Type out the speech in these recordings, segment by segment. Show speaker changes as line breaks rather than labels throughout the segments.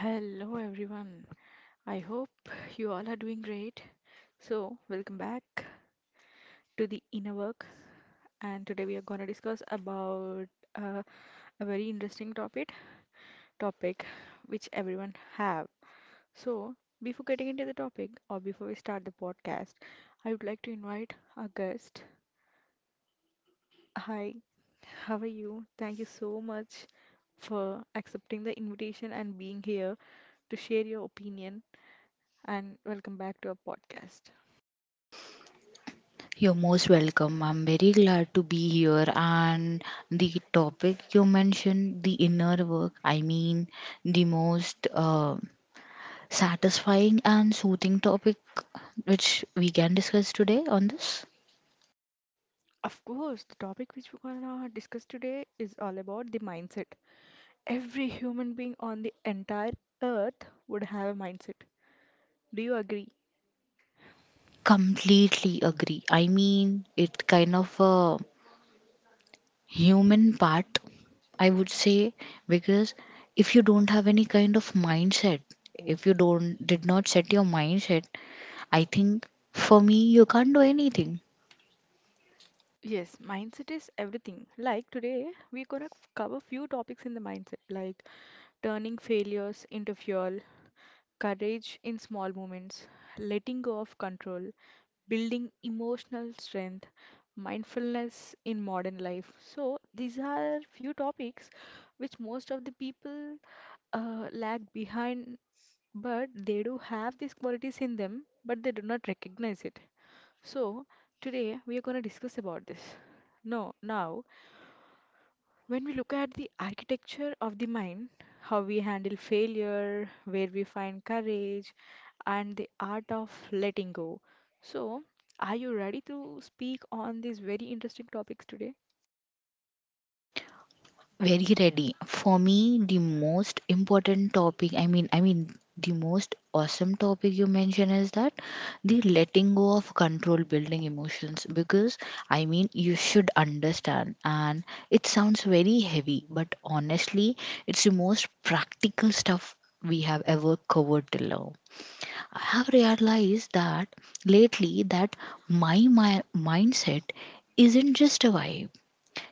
Hello everyone. I hope you all are doing great. So, welcome back to the inner work, and today we are going to discuss about uh, a very interesting topic which everyone have. So, before getting into the topic or before we start the podcast, I would like to invite our guest. Hi, how are you? Thank you so much for accepting the invitation and being here to share your opinion, and welcome back to our podcast.
You're most welcome. I'm very glad to be here. And the topic you mentioned, the inner work, the most satisfying and soothing topic which we can discuss today on this.
Of course, the topic which we're gonna discuss today is all about the mindset. Every human being on the entire earth would have a mindset. Do you agree?
Completely agree. I mean, it kind of a human part, I would say, because if you don't have any kind of mindset, if you don't did not set your mindset, I think for me you can't do anything.
Yes, mindset is everything. Like today, we're gonna cover few topics in the mindset, like turning failures into fuel, courage in small moments, letting go of control, building emotional strength, mindfulness in modern life. So these are few topics which most of the people lag behind, but they do have these qualities in them, but they do not recognize it. So, today we are going to discuss about this. No, now, when we look at the architecture of the mind, how we handle failure, where we find courage, and the art of letting go. So, are you ready to speak on these very interesting topics today?
Very ready. For me, the most important topic, I mean, the most awesome topic you mentioned is that the letting go of control building emotions because I mean, you should understand, and it sounds very heavy, but honestly, it's the most practical stuff we have ever covered till now. I have realized that lately that my mindset isn't just a vibe,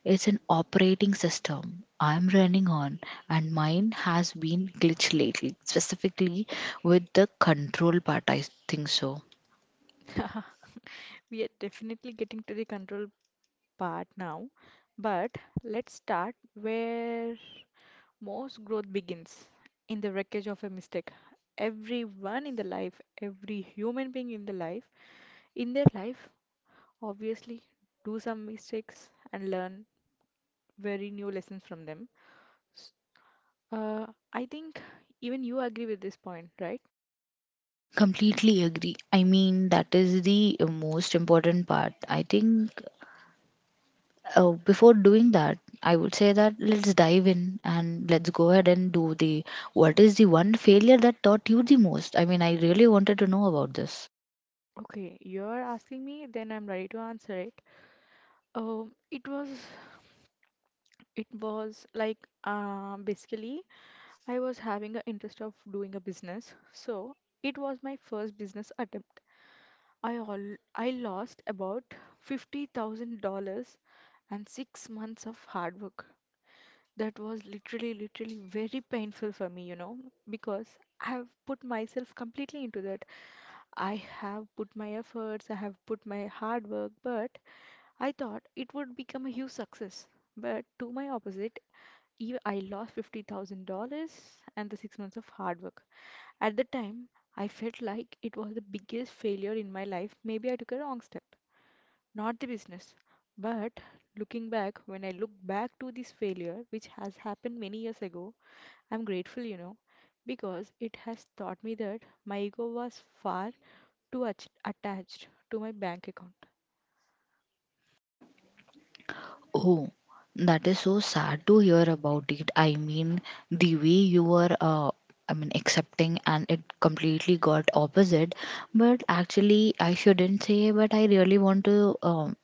it's an operating system I'm running on, and mine has been glitched lately, specifically with the control part. I think so.
We are definitely getting to the control part now, but let's start where most growth begins, in the wreckage of a mistake. Everyone in the life, every human being in the life, in their life, obviously do some mistakes and learn very new lessons from them. S- I think even you agree with this point, right?
Completely agree. I mean, that is the most important part. I think before doing that, I would say that let's dive in and let's go ahead and do the what is the one failure that taught you the most? I mean, I really wanted to know about this.
Okay, you're asking me, then I'm ready to answer it. Um, it was, it was like, basically, I was having an interest of doing a business, so it was my first business attempt. I all I lost about $50,000 and 6 months of hard work. That was literally very painful for me, you know, because I have put myself completely into that. I have put my efforts, I have put my hard work, but I thought it would become a huge success. But to my opposite, I lost $50,000 and the 6 months of hard work. At the time, I felt like it was the biggest failure in my life. Maybe I took a wrong step, not the business. But looking back, when I look back to this failure, which has happened many years ago, I'm grateful, you know, because it has taught me that my ego was far too attached to my bank account.
Oh, that is so sad to hear about it. I mean, the way you were, I mean, accepting and it completely got opposite. But actually, I shouldn't say, but I really want to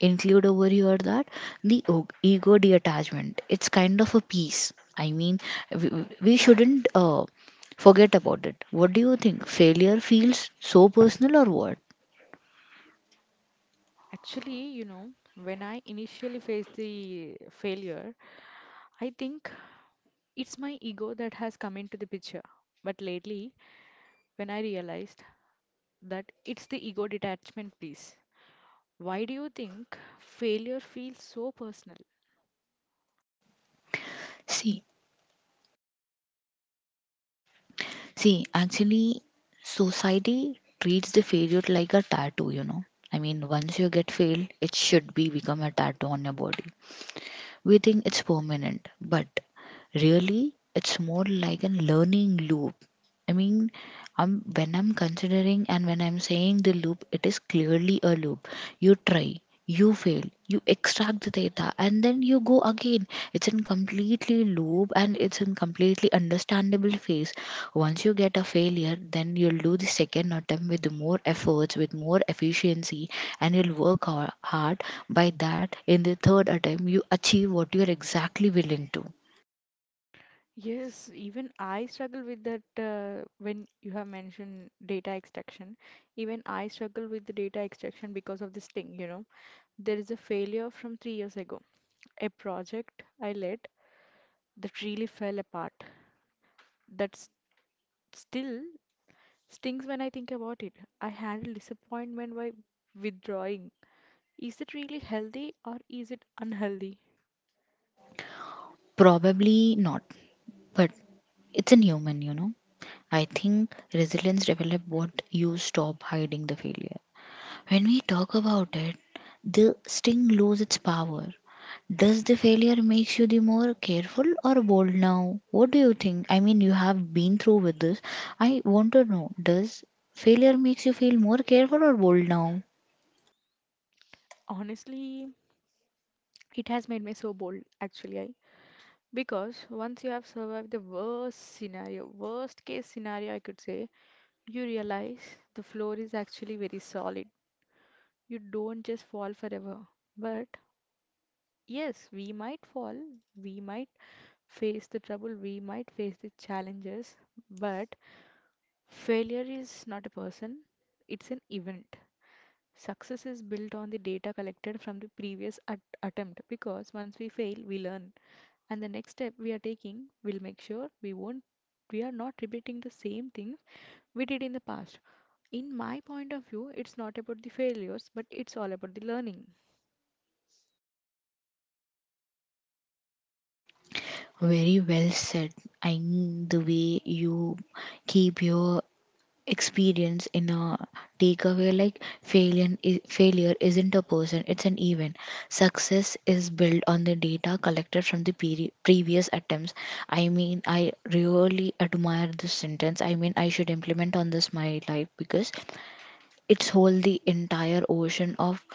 include over here that the ego detachment, it's kind of a piece. I mean, we shouldn't forget about it. What do you think? Failure feels so personal or what?
Actually, you know, when I initially faced the failure, I think it's my ego that has come into the picture. But lately, when I realized that it's the ego detachment piece. Why do you think failure feels so personal?
See, See, actually, society treats the failure like a tattoo, you know. I mean, once you get failed, it should be become a tattoo on your body. We think it's permanent, but really, it's more like a learning loop. I mean, I'm when I'm considering and when I'm saying the loop, it is clearly a loop. You try, you fail, you extract the data, and then you go again. It's in completely loop and it's in completely understandable phase. Once you get a failure, then you'll do the second attempt with more efforts, with more efficiency, and you'll work hard. By that, in the third attempt, you achieve what you're exactly willing to.
Yes, even I struggle with that when you have mentioned data extraction. Even I struggle with the data extraction because of this thing, you know. There is a failure from 3 years ago. A project I led that really fell apart. That's still stings when I think about it. I handle disappointment by withdrawing. Is it really healthy or is it unhealthy?
Probably not, but it's in human, you know. I think resilience develops what you stop hiding the failure. When we talk about it, the sting loses its power. Does the failure makes you the more careful or bold now? What do you think? I mean, you have been through with this. I want to know, does failure makes you feel more careful or bold now?
Honestly, it has made me so bold. Actually, because once you have survived the worst scenario, worst case scenario, I could say, you realize the floor is actually very solid. You don't just fall forever. But yes, we might fall, we might face the trouble, we might face the challenges, but failure is not a person, it's an event. Success is built on the data collected from the previous attempt, because once we fail, we learn, and the next step we are taking will make sure we are not repeating the same things we did in the past. In my point of view, it's not about the failures, but it's all about the learning.
Very well said. I mean, the way you keep your experience in a takeaway like failure isn't a person, it's an event. Success is built on the data collected from the previous attempts. I mean, I really admire this sentence. I mean, I should implement on this my life because it's hold the entire ocean of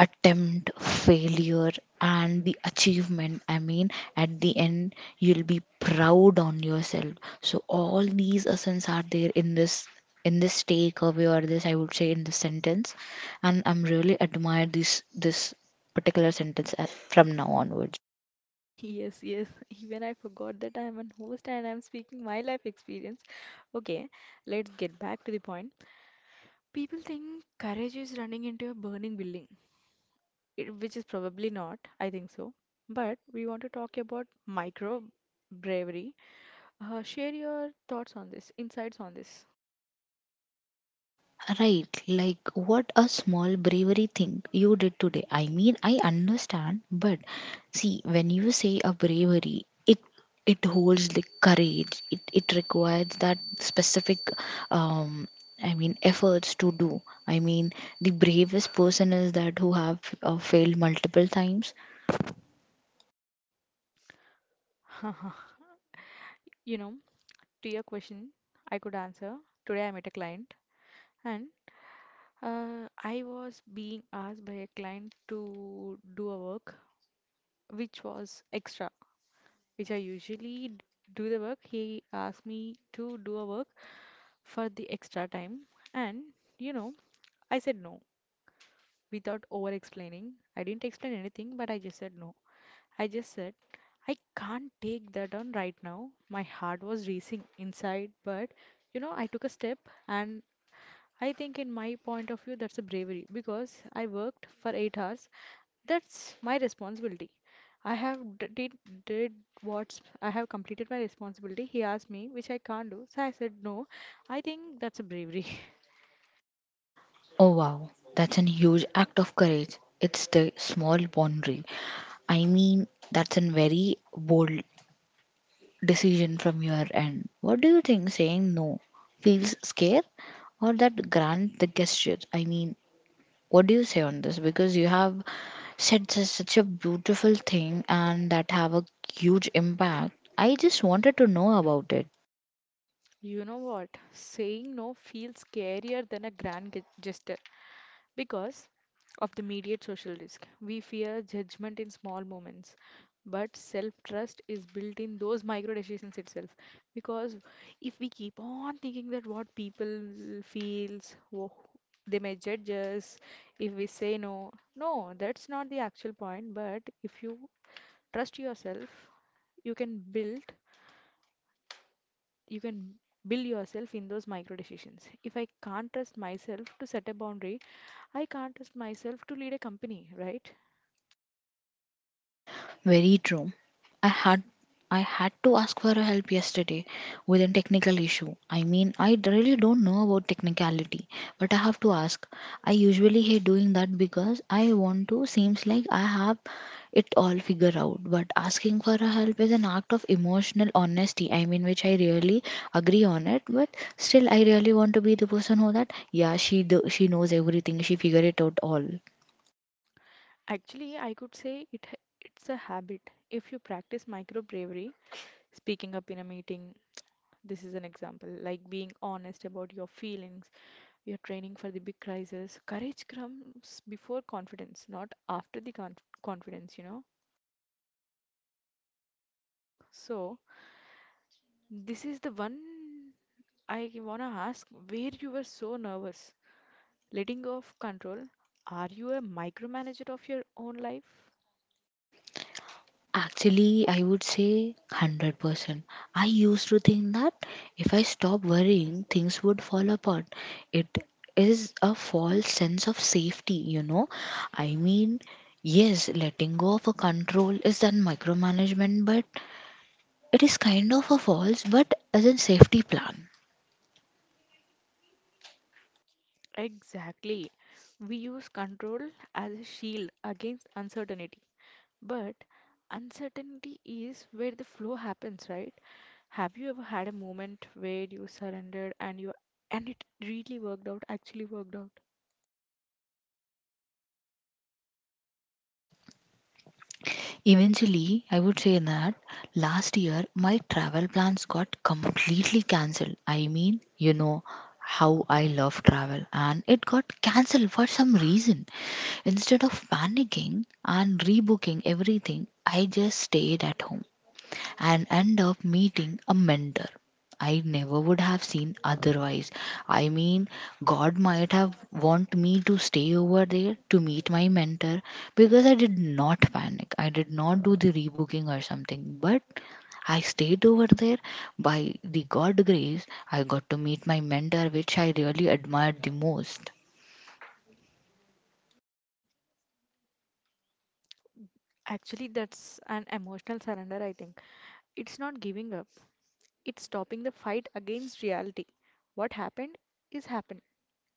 attempt, failure, and the achievement. I mean, at the end, you'll be proud on yourself. So all these essence are there in this takeaway, or this I would say in this sentence, and I'm really admire this particular sentence from now onwards.
Yes, yes, even I forgot that I am an host and I'm speaking my life experience. Okay, let's get back to the point. People think courage is running into a burning building, it, which is probably not, I think so. But we want to talk about micro bravery. Share your thoughts on this, insights on this.
Right, like what a small bravery thing you did today. I mean, I understand, but see, when you say a bravery, it holds the courage. It requires that specific, um, I mean, efforts to do. I mean, the bravest person is that who have failed multiple times.
You know, to your question, I could answer. Today I met a client, and I was being asked by a client to do a work which was extra, which I do the work. He asked me to do a work for the extra time, and you know, I said no without over explaining. I didn't explain anything, but I just said no. I just said, I can't take that on right now. My heart was racing inside, but you know, I took a step, and I think, in my point of view, that's a bravery because I worked for 8 hours. That's my responsibility. I have d- did what's I have completed my responsibility. He asked me, which I can't do, so I said no. I think that's a bravery.
Oh wow, that's a huge act of courage. It's the small boundary. I mean, that's a very bold decision from your end. What do you think saying no feels scare or that grand the gesture? I mean, what do you say on this? Because you have said such a beautiful thing and that have a huge impact. I just wanted to know about it.
You know what? Saying no feels scarier than a grand gesture. Because of the immediate social risk, we fear judgment in small moments, but self trust is built in those micro decisions itself. Because if we keep on thinking that what people feels, they may judge us if we say no. No, that's not the actual point. But if you trust yourself, you can build you can build yourself in those micro decisions. If I can't trust myself to set a boundary, I can't trust myself to lead a company, right?
Very true. I had I had to ask for help yesterday with a technical issue. I mean, I really don't know about technicality, but I have to ask. I usually hate doing that because I want to seems like I have it all figured out, but asking for a help is an act of emotional honesty. I mean, which I really agree on it, but still I really want to be the person who that yeah, she do, she knows everything. She figured it out all.
Actually, I could say it it's a habit. If you practice micro bravery, speaking up in a meeting, this is an example, like being honest about your feelings, your training for the big crisis. Courage comes before confidence, not after the confidence, you know. So, this is the one I want to ask where you were so nervous. Letting go of control. Are you a micromanager of your own life?
Actually, I would say 100%. I used to think that if I stop worrying, things would fall apart. It is a false sense of safety, you know. I mean, yes, letting go of a control is that micromanagement, but it is kind of a false but as a safety plan.
Exactly. We use control as a shield against uncertainty. But uncertainty is where the flow happens, right? Have you ever had a moment where you surrendered and you and it really worked out?
Eventually, I would say that last year my travel plans got completely cancelled. I mean, you know how I love travel, and it got cancelled for some reason. Instead of panicking and rebooking everything, I just stayed at home and end up meeting a mentor I never would have seen otherwise. I mean, God might have want me to stay over there to meet my mentor because I did not panic. I did not do the rebooking or something, but I stayed over there by the God grace. I got to meet my mentor, which I really admired the most.
Actually, that's an emotional surrender, I think. It's not giving up. It's stopping the fight against reality. What happened is happened.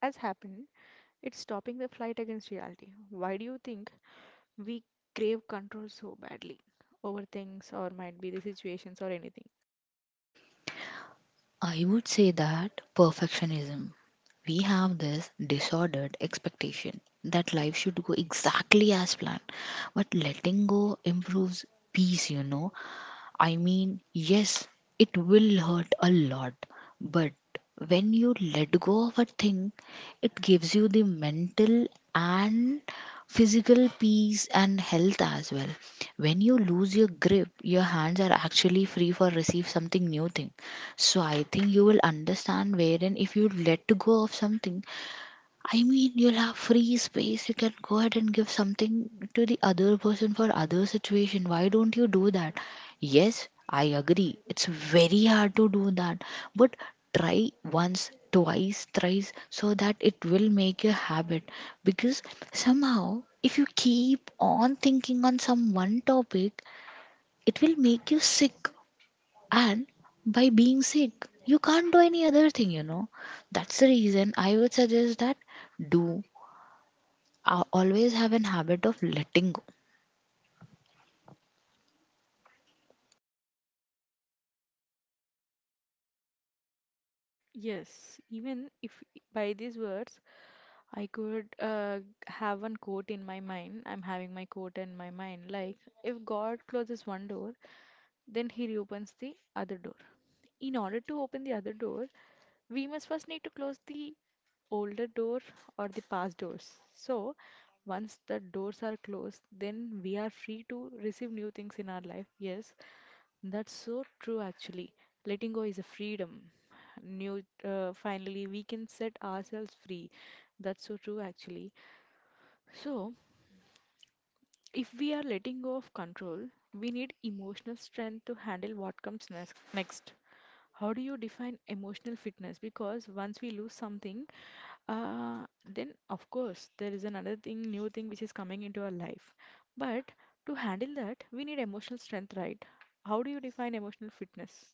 Has happened. It's stopping the fight against reality. Why do you think we crave control so badly, over things or might be the situations or anything.
I would say that perfectionism. We have this disordered expectation that life should go exactly as planned, but letting go improves peace, you know. I mean, yes, it will hurt a lot, but when you let go of a thing, it gives you the mental and physical peace and health as well. When you lose your grip, your hands are actually free for receive something new thing. So I think you will understand wherein if you let go of something, I mean, you'll have free space. You can go ahead and give something to the other person for other situation. Why don't you do that? Yes, I agree. It's very hard to do that, but try once, twice, thrice, so that it will make a habit. Because somehow, if you keep on thinking on some one topic, it will make you sick. And by being sick, you can't do any other thing. You know, that's the reason I would suggest that do I always have an habit of letting go.
Yes, even if by these words I could have one quote in my mind, I'm having my quote in my mind like, if God closes one door, then he reopens the other door. In order to open the other door, we must first need to close the older door or the past doors. So, once the doors are closed, then we are free to receive new things in our life. Yes, that's so true, actually. Letting go is a freedom. New, finally, we can set ourselves free. That's so true, actually. So, if we are letting go of control, we need emotional strength to handle what comes next. Next, how do you define emotional fitness? Because once we lose something, then of course there is another thing, new thing which is coming into our life. But to handle that, we need emotional strength, right? How do you define emotional fitness?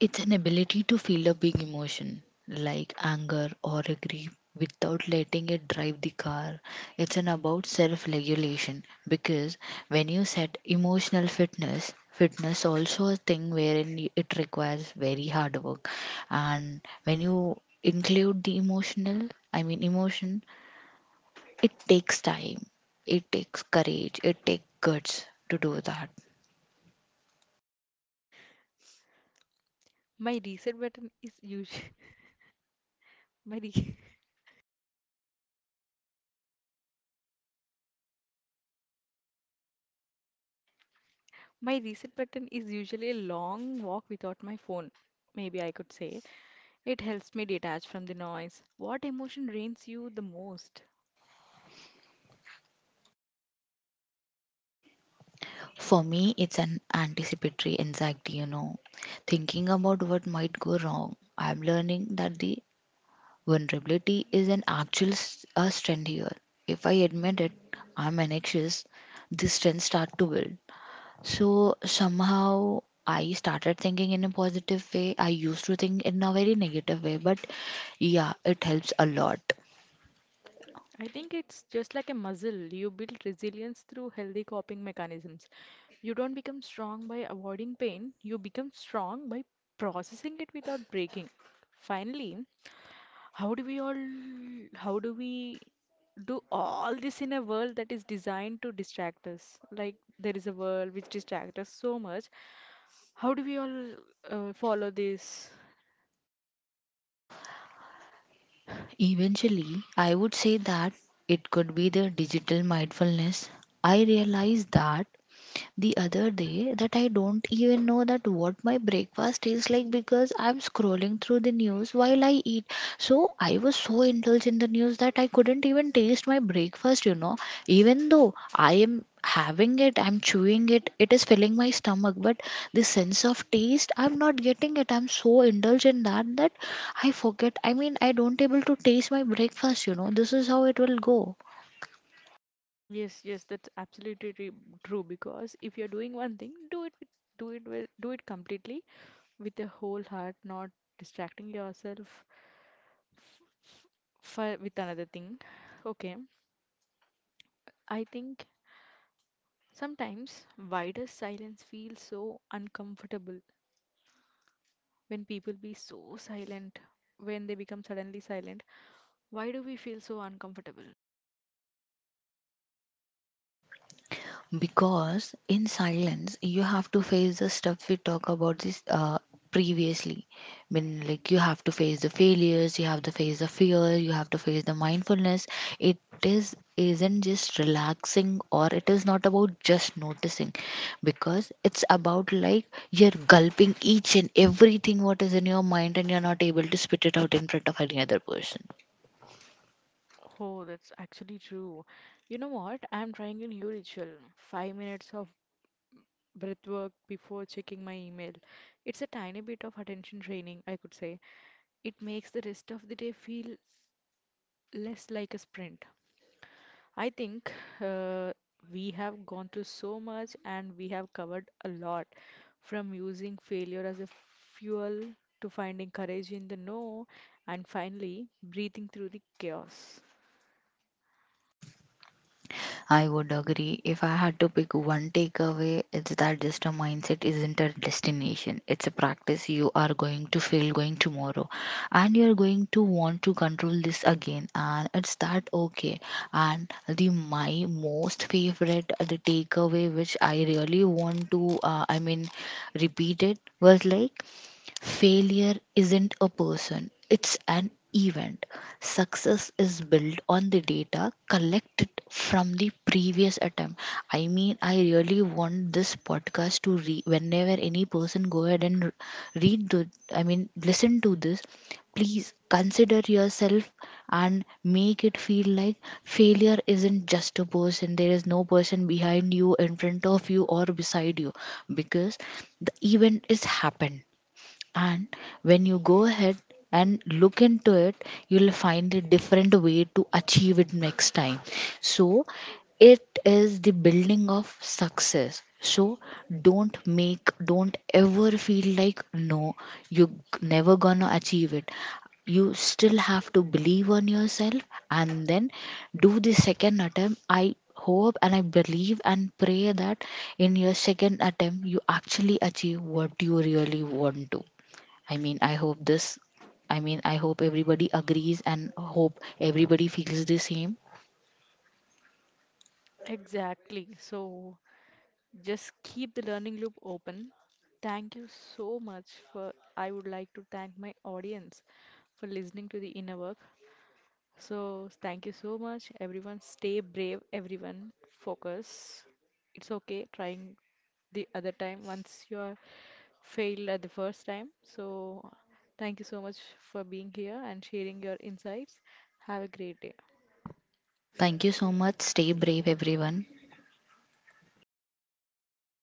It's an ability to feel a big emotion like anger or a grief without letting it drive the car. It's an about self regulation because when you set emotional fitness, fitness also a thing wherein it requires very hard work. And when you include the emotional, I mean emotion, it takes time, it takes courage, it takes guts to do that.
My reset button is usually my re- my reset button is usually a long walk without my phone. Maybe I could say it helps me detach from the noise. What emotion drains you the most?
For me, it's an anticipatory anxiety, you know, thinking about what might go wrong. I'm learning that the vulnerability is an actual a strength here. If I admit it, I'm anxious, this strength start to build. So somehow I started thinking in a positive way. I used to think in a very negative way, but yeah, it helps a lot.
I think it's just like a muscle. You build resilience through healthy coping mechanisms. You don't become strong by avoiding pain. You become strong by processing it without breaking. Finally, How do we all, how do we do all this in a world that is designed to distract us? Like there is a world which distracts us so much. How do we all follow this?
Eventually, I would say that it could be the digital mindfulness. I realized that the other day that I don't even know that what my breakfast tastes like because I'm scrolling through the news while I eat. So I was so indulged in the news that I couldn't even taste my breakfast, you know. Even though I am having it, I'm chewing it, it is filling my stomach, but the sense of taste, I'm not getting it. I'm so indulged in that that I forget. I mean, I don't able to taste my breakfast, you know. This is how it will go.
Yes, yes, that's absolutely true. Because if you're doing one thing, do it completely with the whole heart, not distracting yourself for with another thing. Okay, I think sometimes wider silence feels so uncomfortable when people be so silent, when they become suddenly silent, why do we feel so uncomfortable?
Because in silence, you have to face the stuff we talk about this previously. I mean, like you have to face the failures, you have to face the fear, you have to face the mindfulness. It is isn't just relaxing or it is not about just noticing because it's about like you're gulping each and everything what is in your mind and you're not able to spit it out in front of any other person.
Oh, that's actually true. You know what? I'm trying a new ritual. 5 minutes of breath work before checking my email. It's a tiny bit of attention training, I could say. It makes the rest of the day feel less like a sprint. I think uh, we have gone through so much and we have covered a lot, from using failure as a fuel to finding courage in the no, and finally breathing through the chaos.
I would agree. If I had to pick one takeaway, it's that just a mindset isn't a destination. It's a practice you are going to feel going tomorrow. And you're going to want to control this again. And it's that okay. And the my most favorite the takeaway which I really want to I mean repeat it was like failure isn't a person, it's an event. Success is built on the data collected from the previous attempt. I mean, I really want this podcast to whenever any person go ahead and read the, I mean, listen to this, please consider yourself and make it feel like failure isn't just a person. There is no person behind you, in front of you, or beside you because the event is happened and when you go ahead and look into it, you'll find a different way to achieve it next time. So it is the building of success. So don't ever feel like no, you're never gonna achieve it. You still have to believe on yourself, and then do the second attempt. I hope and I believe and pray that in your second attempt you actually achieve what you really want to. I mean, I hope this, I mean, I hope everybody agrees and hope everybody feels the same.
Exactly. So just keep the learning loop open. Thank you so much for — I would like to thank my audience for listening to the inner work. So thank you so much, everyone, stay brave everyone, focus. It's okay trying the other time once you are failed at the first time. So, thank you so much for being here and sharing your insights. Have a great day.
Thank you so much. Stay brave, everyone.